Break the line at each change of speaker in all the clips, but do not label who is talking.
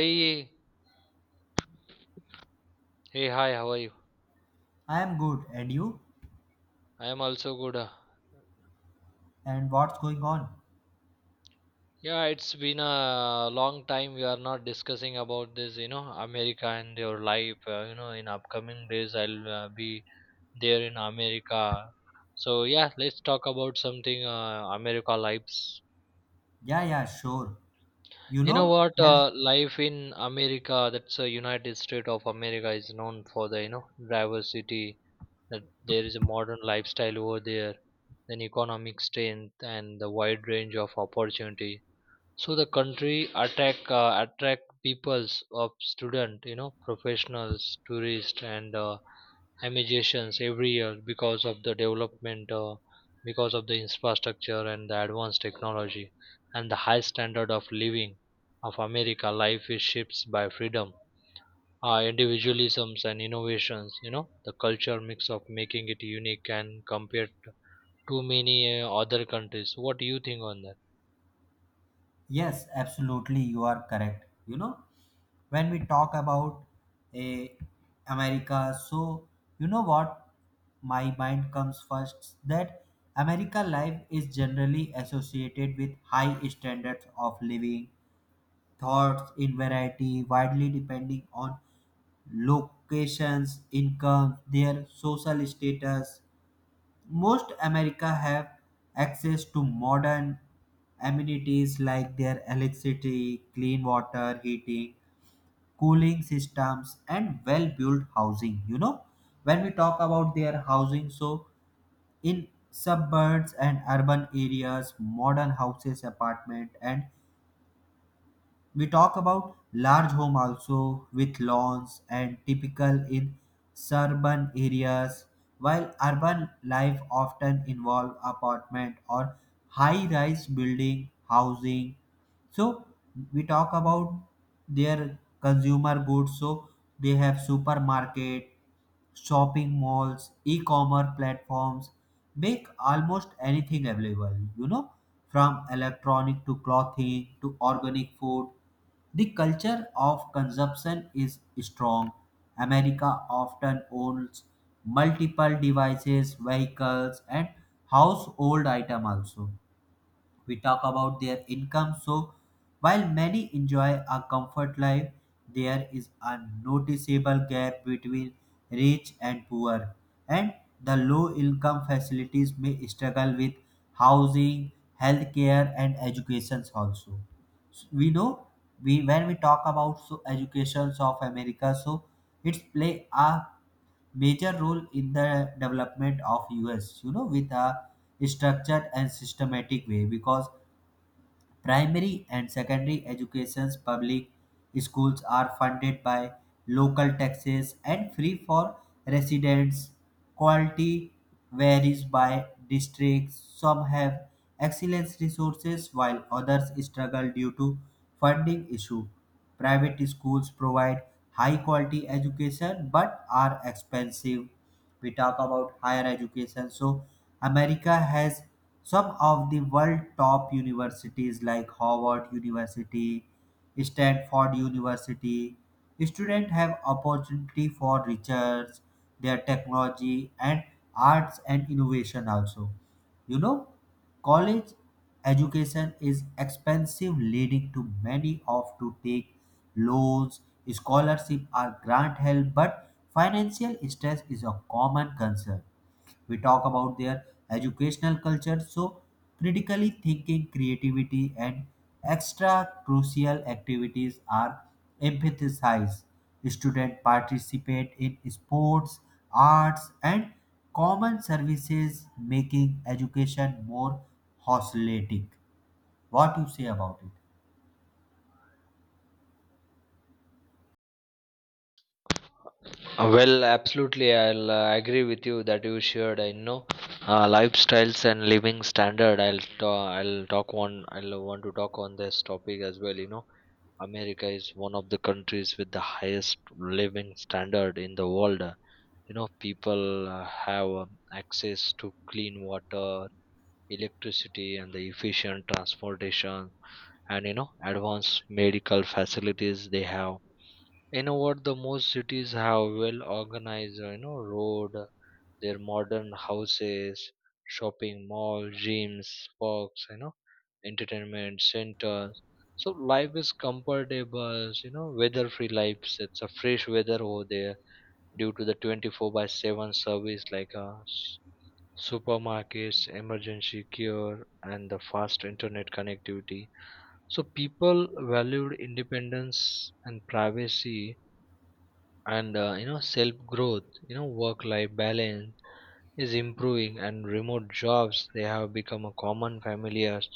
Hey, hey, hi, how are you?
I am good. And you?
I am also good.
And what's going on?
Yeah, it's been a long time we are not discussing about this, you know, America and your life. You know, in upcoming days, I'll be there in America. So, yeah, let's talk about something America lives.
Yeah, yeah, sure. You
You know
know,
what?
yes,
Life in America, that's United States of America, is known for the, you know, diversity, that there is a modern lifestyle over there, then economic strength and the wide range of opportunity. So the country attract peoples of student, you know, professionals, tourists, and immigrations every year because of the development, because of the infrastructure and the advanced technology, and the high standard of living of America. Life is shaped by freedom, individualisms and innovations, you know, the culture mix of making it unique and compared to many other countries. What do you think on that?
yes, absolutely, you are correct. You know, when we talk about a America, so you know what my mind comes first that America life is generally associated with high standards of living, thoughts in variety, widely depending on locations, income, their social status. Most America have access to modern amenities like their electricity, clean water, heating, cooling systems and well-built housing, you know. When we talk about their housing, so in suburbs and urban areas, modern houses, apartment, and we talk about large home also with lawns and typical in suburban areas, while urban life often involve apartment or high-rise building housing. So we talk about their consumer goods. So they have supermarket, shopping malls, e-commerce platforms, make almost anything available, you know, from electronic to clothing to organic food. The culture of consumption is strong. America often owns multiple devices, vehicles, and household item also. We talk about their income. So, while many enjoy a comfort life, there is a noticeable gap between rich and poor, and the low income facilities may struggle with housing, healthcare, and educations also. So, we know we when we talk about so educations of America, so it's play a major role in the development of US. You know, with a structured and systematic way because primary and secondary education's public schools are funded by local taxes and free for residents. Quality varies by districts. Some have excellent resources while others struggle due to funding issue. Private schools provide high quality education but are expensive. We talk about higher education, so America has some of the world top universities like Harvard University, Stanford University. Students have opportunity for research, their technology and arts and innovation also, you know. College education is expensive, leading to many opt to take loans, scholarship or grant help, but financial stress is a common concern. We talk about their educational culture, so critically thinking, creativity and extra crucial activities are emphasized. Students participate in sports, arts and common services, making education more holistic. What you say about it?
Well, absolutely. I'll agree with you that you shared. I know lifestyles and living standard. I'll talk one. I'll want to talk on this topic as well. You know, America is one of the countries with the highest living standard in the world. You know, people uh, have access to clean water, electricity and the efficient transportation, and you know advanced medical facilities they have. You know what, the most cities have well organized, you know, road, their modern houses, shopping malls, gyms, parks, you know, entertainment centers. So life is comfortable, you know, weather free lives, it's a fresh weather over there due to the 24 by 7 service like us, supermarkets, emergency care, and the fast internet connectivity. So people valued independence and privacy and you know self growth, you know work life balance is improving and remote jobs they have become a common familiars,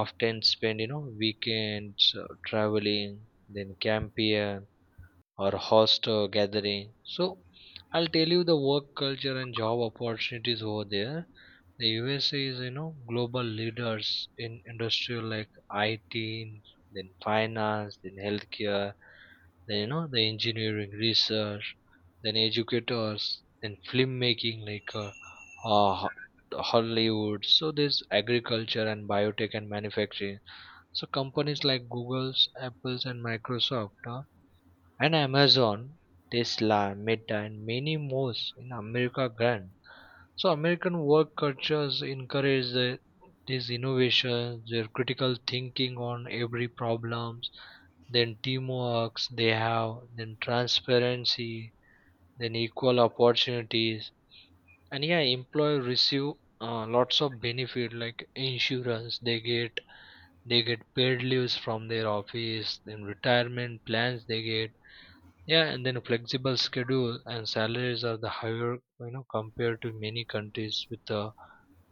often spend you know weekends traveling, then camping or host a gathering. So I'll tell you the work culture and job opportunities over there. The USA is you know global leaders in industrial like IT, then finance, then healthcare, then you know the engineering research, then educators, then film making like uh, Ho- Hollywood. So there's agriculture and biotech and manufacturing. So companies like Google's, Apple's, and Microsoft. And Amazon, Tesla, Meta, and many more in America grant. So American work cultures encourage the, these innovations, their critical thinking on every problems, then teamwork they have, then transparency, then equal opportunities, and yeah, employer receive lots of benefit like insurance they get paid leaves from their office, then retirement plans they get, yeah, and then flexible schedule and salaries are the higher, you know, compared to many countries with the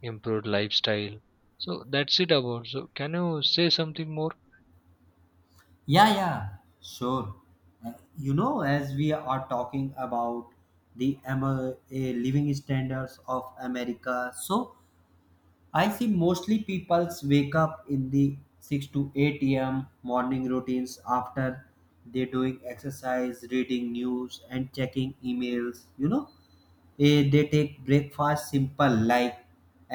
improved lifestyle. So that's it about. So can you say something more?
Yeah, yeah, sure. You know, as we are talking about the living standards of America, so I see mostly people's wake up in the 6 to 8 a.m. morning routines. After they doing exercise, reading news, and checking emails, you know, they take breakfast simple like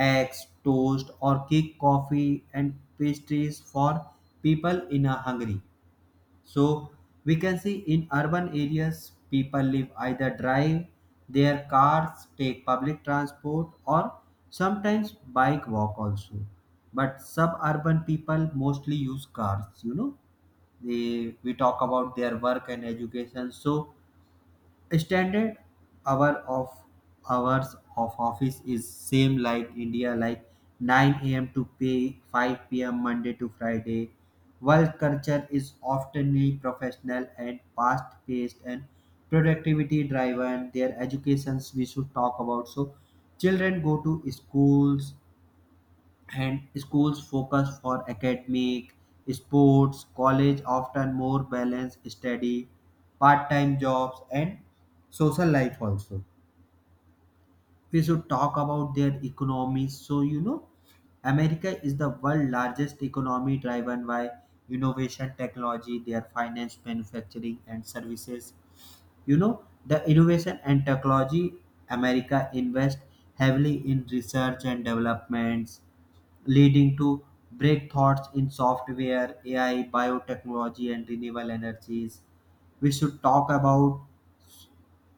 eggs, toast, or cake, coffee and pastries for people in a hungry. So we can see in urban areas, people live either drive their cars, take public transport, or sometimes bike walk also. But suburban people mostly use cars. You know, they we talk about their work and education. So standard hour of hours of office is same like India, like 9 a.m to pay 5 p.m Monday to Friday. Work culture is often professional and fast paced and productivity driven. Their educations we should talk about, so children go to schools, and schools focus for academic sports. College often more balanced study, part-time jobs and social life also. We should talk about their economy, so you know, America is the world largest economy, driven by innovation, technology, their finance, manufacturing and services. You know, the innovation and technology, America invest heavily in research and developments, leading to breakthroughs in software, AI, biotechnology, and renewable energies. We should talk about,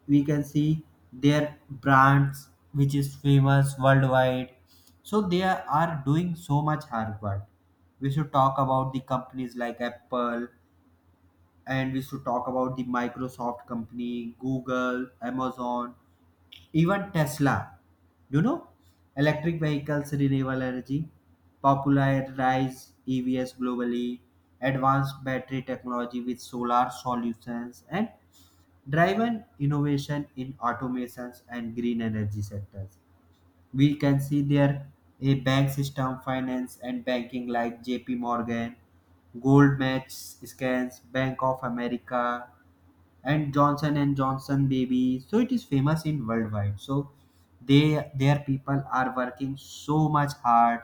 we can see their brands, which is famous worldwide. So they are doing so much hard work. We should talk about the companies like Apple, and we should talk about the Microsoft company, Google, Amazon, even Tesla, you know, electric vehicles, renewable energy, popularize EVs globally, advanced battery technology with solar solutions, and driven innovation in automations and green energy sectors. We can see there a bank system, finance, and banking like JP Morgan, Goldman Sachs, Bank of America, and Johnson and Johnson baby. So it is famous in worldwide. So they their people are working so much hard,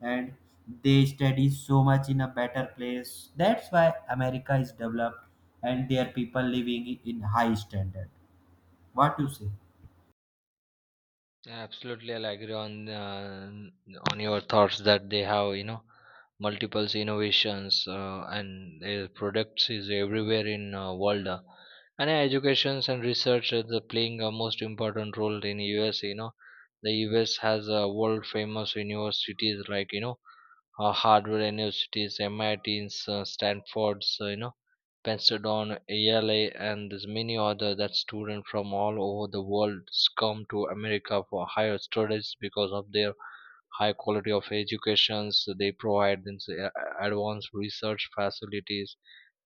and they study so much in a better place. That's why America is developed and their people living in high standard. What you say?
Absolutely, I'll agree on your thoughts that they have, you know, multiple innovations and their products is everywhere in world. And educations and research is the playing a most important role in US. You know, the US has a world famous universities like you know Harvard universities, MITs, Stanfords, you know, Pensadon, ELA, and there's many other that students from all over the world come to America for higher studies because of their high quality of educations. So they provide, then say, advanced research facilities,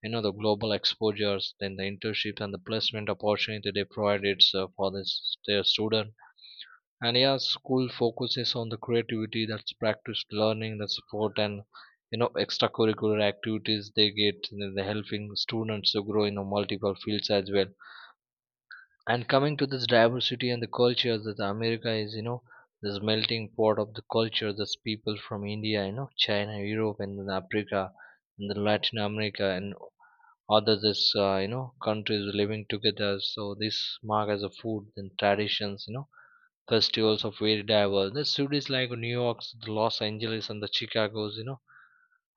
you know, the global exposures, then the internships and the placement opportunity they provide, it's for this, their student. And yeah, school focuses on the creativity, that's practiced learning, the support, and you know extracurricular activities they get, the helping students to grow in a multiple fields as well. And coming to this diversity and the culture that America is, you know, this melting pot of the culture. There's people from India, you know, China, Europe, and then Africa, and then Latin America, and other this you know countries living together. So this mark as a food and traditions, you know, festivals of very diverse, the cities like New York's, the Los Angeles and the Chicago's, you know,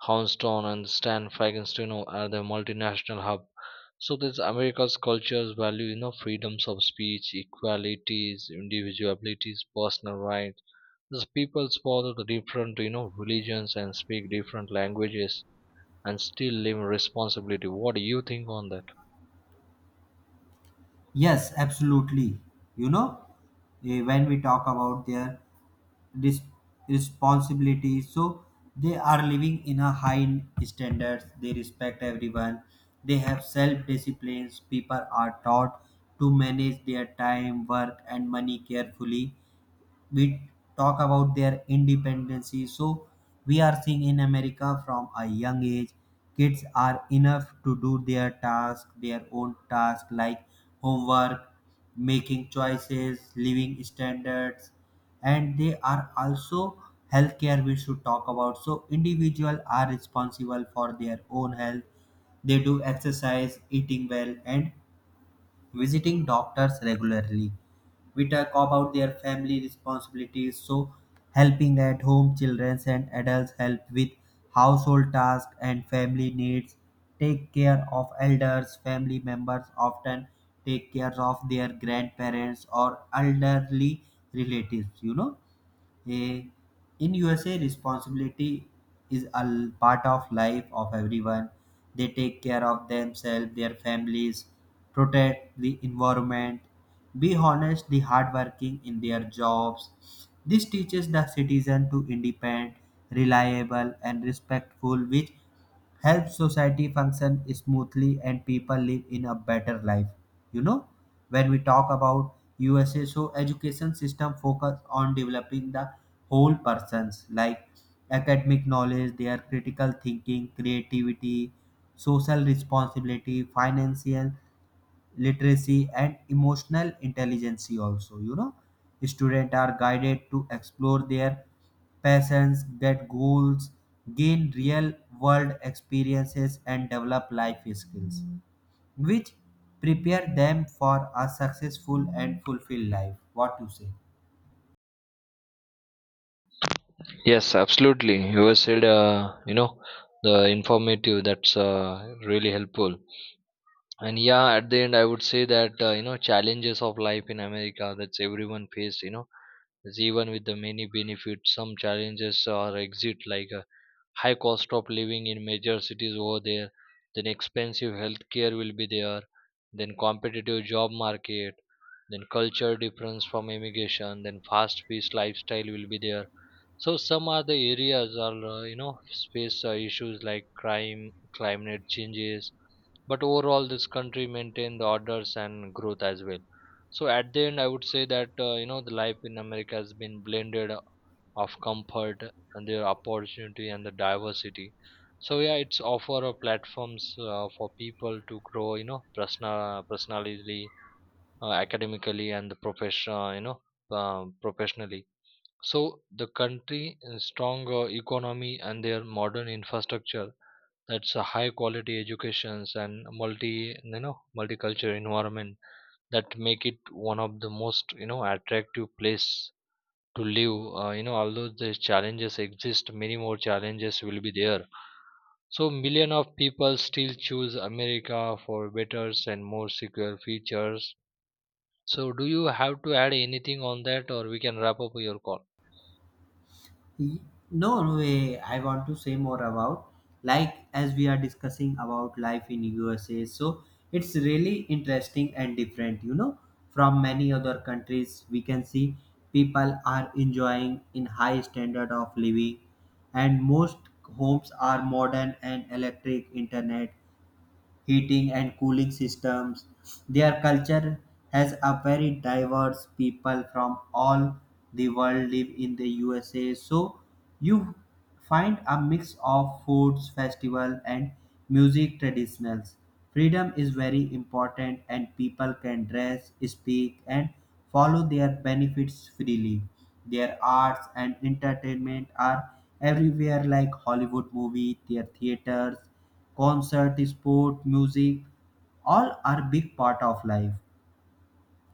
Houndstone and Stan Fragon's, you know, are the multinational hub. So this America's cultures value, you know, freedoms of speech, equalities, individual abilities, personal rights. These peoples follow the different, you know, religions and speak different languages, and still live responsibility. What do you think on that?
Yes, absolutely. You know, when we talk about their res- responsibility, so they are living in a high standards. They respect everyone. They have self-disciplines. People are taught to manage their time, work, and money carefully. We talk about their independency, so we are seeing in America from a young age kids are enough to do their own task like homework, making choices, living standards, and they are also healthcare. We should talk about, so individual are responsible for their own health. They do exercise, eating well and visiting doctors regularly. We talk about their family responsibilities, so helping at home, children and adults help with household tasks and family needs, take care of elders, family members often take care of their grandparents or elderly relatives, you know. Eh, in USA, responsibility is part of life of everyone. They take care of themselves, their families, protect the environment, be honest, the hardworking in their jobs. This teaches the citizen to independent, reliable, and respectful, which helps society function smoothly and people live in a better life, you know. When we talk about USA, so education system focus on developing the whole persons, like academic knowledge, their critical thinking, creativity, social responsibility, financial literacy and emotional intelligence also, you know. Students are guided to explore their passions, get goals, gain real world experiences and develop life skills, which prepare them for a successful and fulfilled life. What you say?
Yes, absolutely. You have said, you know, the informative that's really helpful. And yeah, at the end I would say that you know challenges of life in America, that's everyone faced, you know, is even with the many benefits some challenges are exit, like high cost of living in major cities over there, then expensive healthcare will be there, then competitive job market, then culture difference from immigration, then fast paced lifestyle will be there. So some are the areas are you know space issues like crime, climate changes, but overall this country maintain the orders and growth as well. So at the end I would say that you know the life in America has been blended of comfort and their opportunity and the diversity. So yeah, it's offer a platforms for people to grow you know personally, academically and the profession, professionally. So the country is stronger economy and their modern infrastructure, that's a high quality educations and multicultural environment, that make it one of the most, you know, attractive place to live. You know, although the challenges exist, many more challenges will be there. So, million of people still choose America for better and more secure features. So, do you have to add anything on that, or we can wrap up your call?
No, no way. I want to say more about, like, as we are discussing about life in USA. So it's really interesting and different, you know, from many other countries. We can see people are enjoying in high standard of living, and most homes are modern and electric internet, heating and cooling systems. Their culture has a very diverse people from all the world live in the USA. So you find a mix of foods, festival and music traditionals. Freedom is very important and people can dress, speak and follow their benefits freely. Their arts and entertainment are everywhere, like Hollywood movie, their theaters, concert, sport, music, all are big part of life.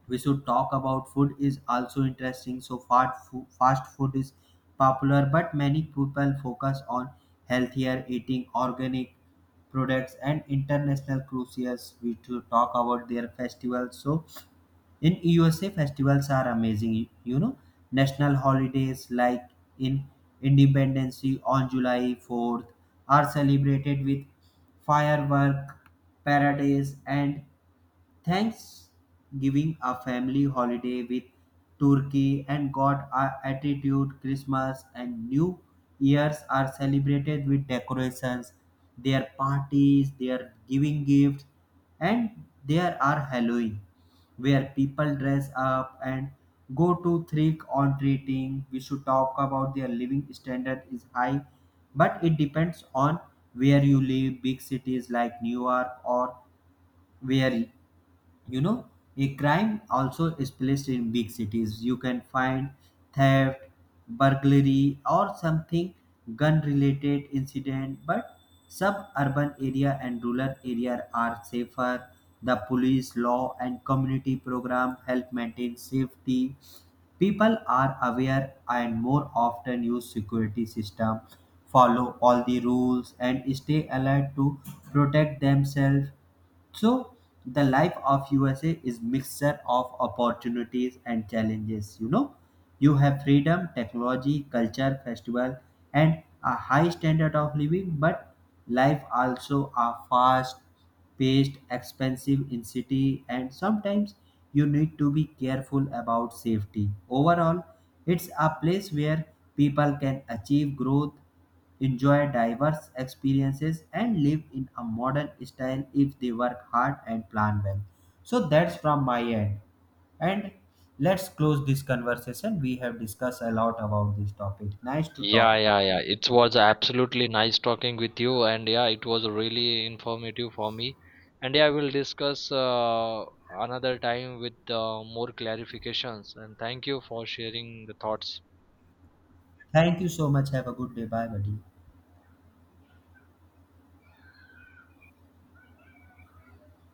We should talk about food is also interesting. So fast food is popular, but many people focus on healthier eating, organic products, and international cruises. We should talk about their festivals. So in USA festivals are amazing, you know, national holidays like in Independence Day on July 4th are celebrated with firework, parades, and Thanksgiving, a family holiday with turkey and God our attitude. Christmas and New Year's are celebrated with decorations, their parties, their giving gifts, and there are Halloween, where people dress up and go to trick or treating. We should talk about their living standard is high, but it depends on where you live. Big cities like New York, or where you know, a crime also is placed in big cities. You can find theft, burglary, or something gun related incident, but suburban area and rural area are safer. The police law and community program help maintain safety. People are aware and more often use security system, follow all the rules and stay alert to protect themselves. So the life of USA is mixture of opportunities and challenges. You know, you have freedom, technology, culture, festival, and a high standard of living. But life also are fast, paced, expensive in city, and sometimes you need to be careful about safety. Overall, it's a place where people can achieve growth, enjoy diverse experiences and live in a modern style if they work hard and plan well. So that's from my end, and let's close this conversation. We have discussed a lot about this topic. Nice to talk
Yeah,
to you.
yeah, yeah. It was absolutely nice talking with you, and yeah, it was really informative for me. And yeah, I will discuss another time with more clarifications. And thank you for sharing the thoughts.
Thank you so much. Have a good day. Bye, buddy.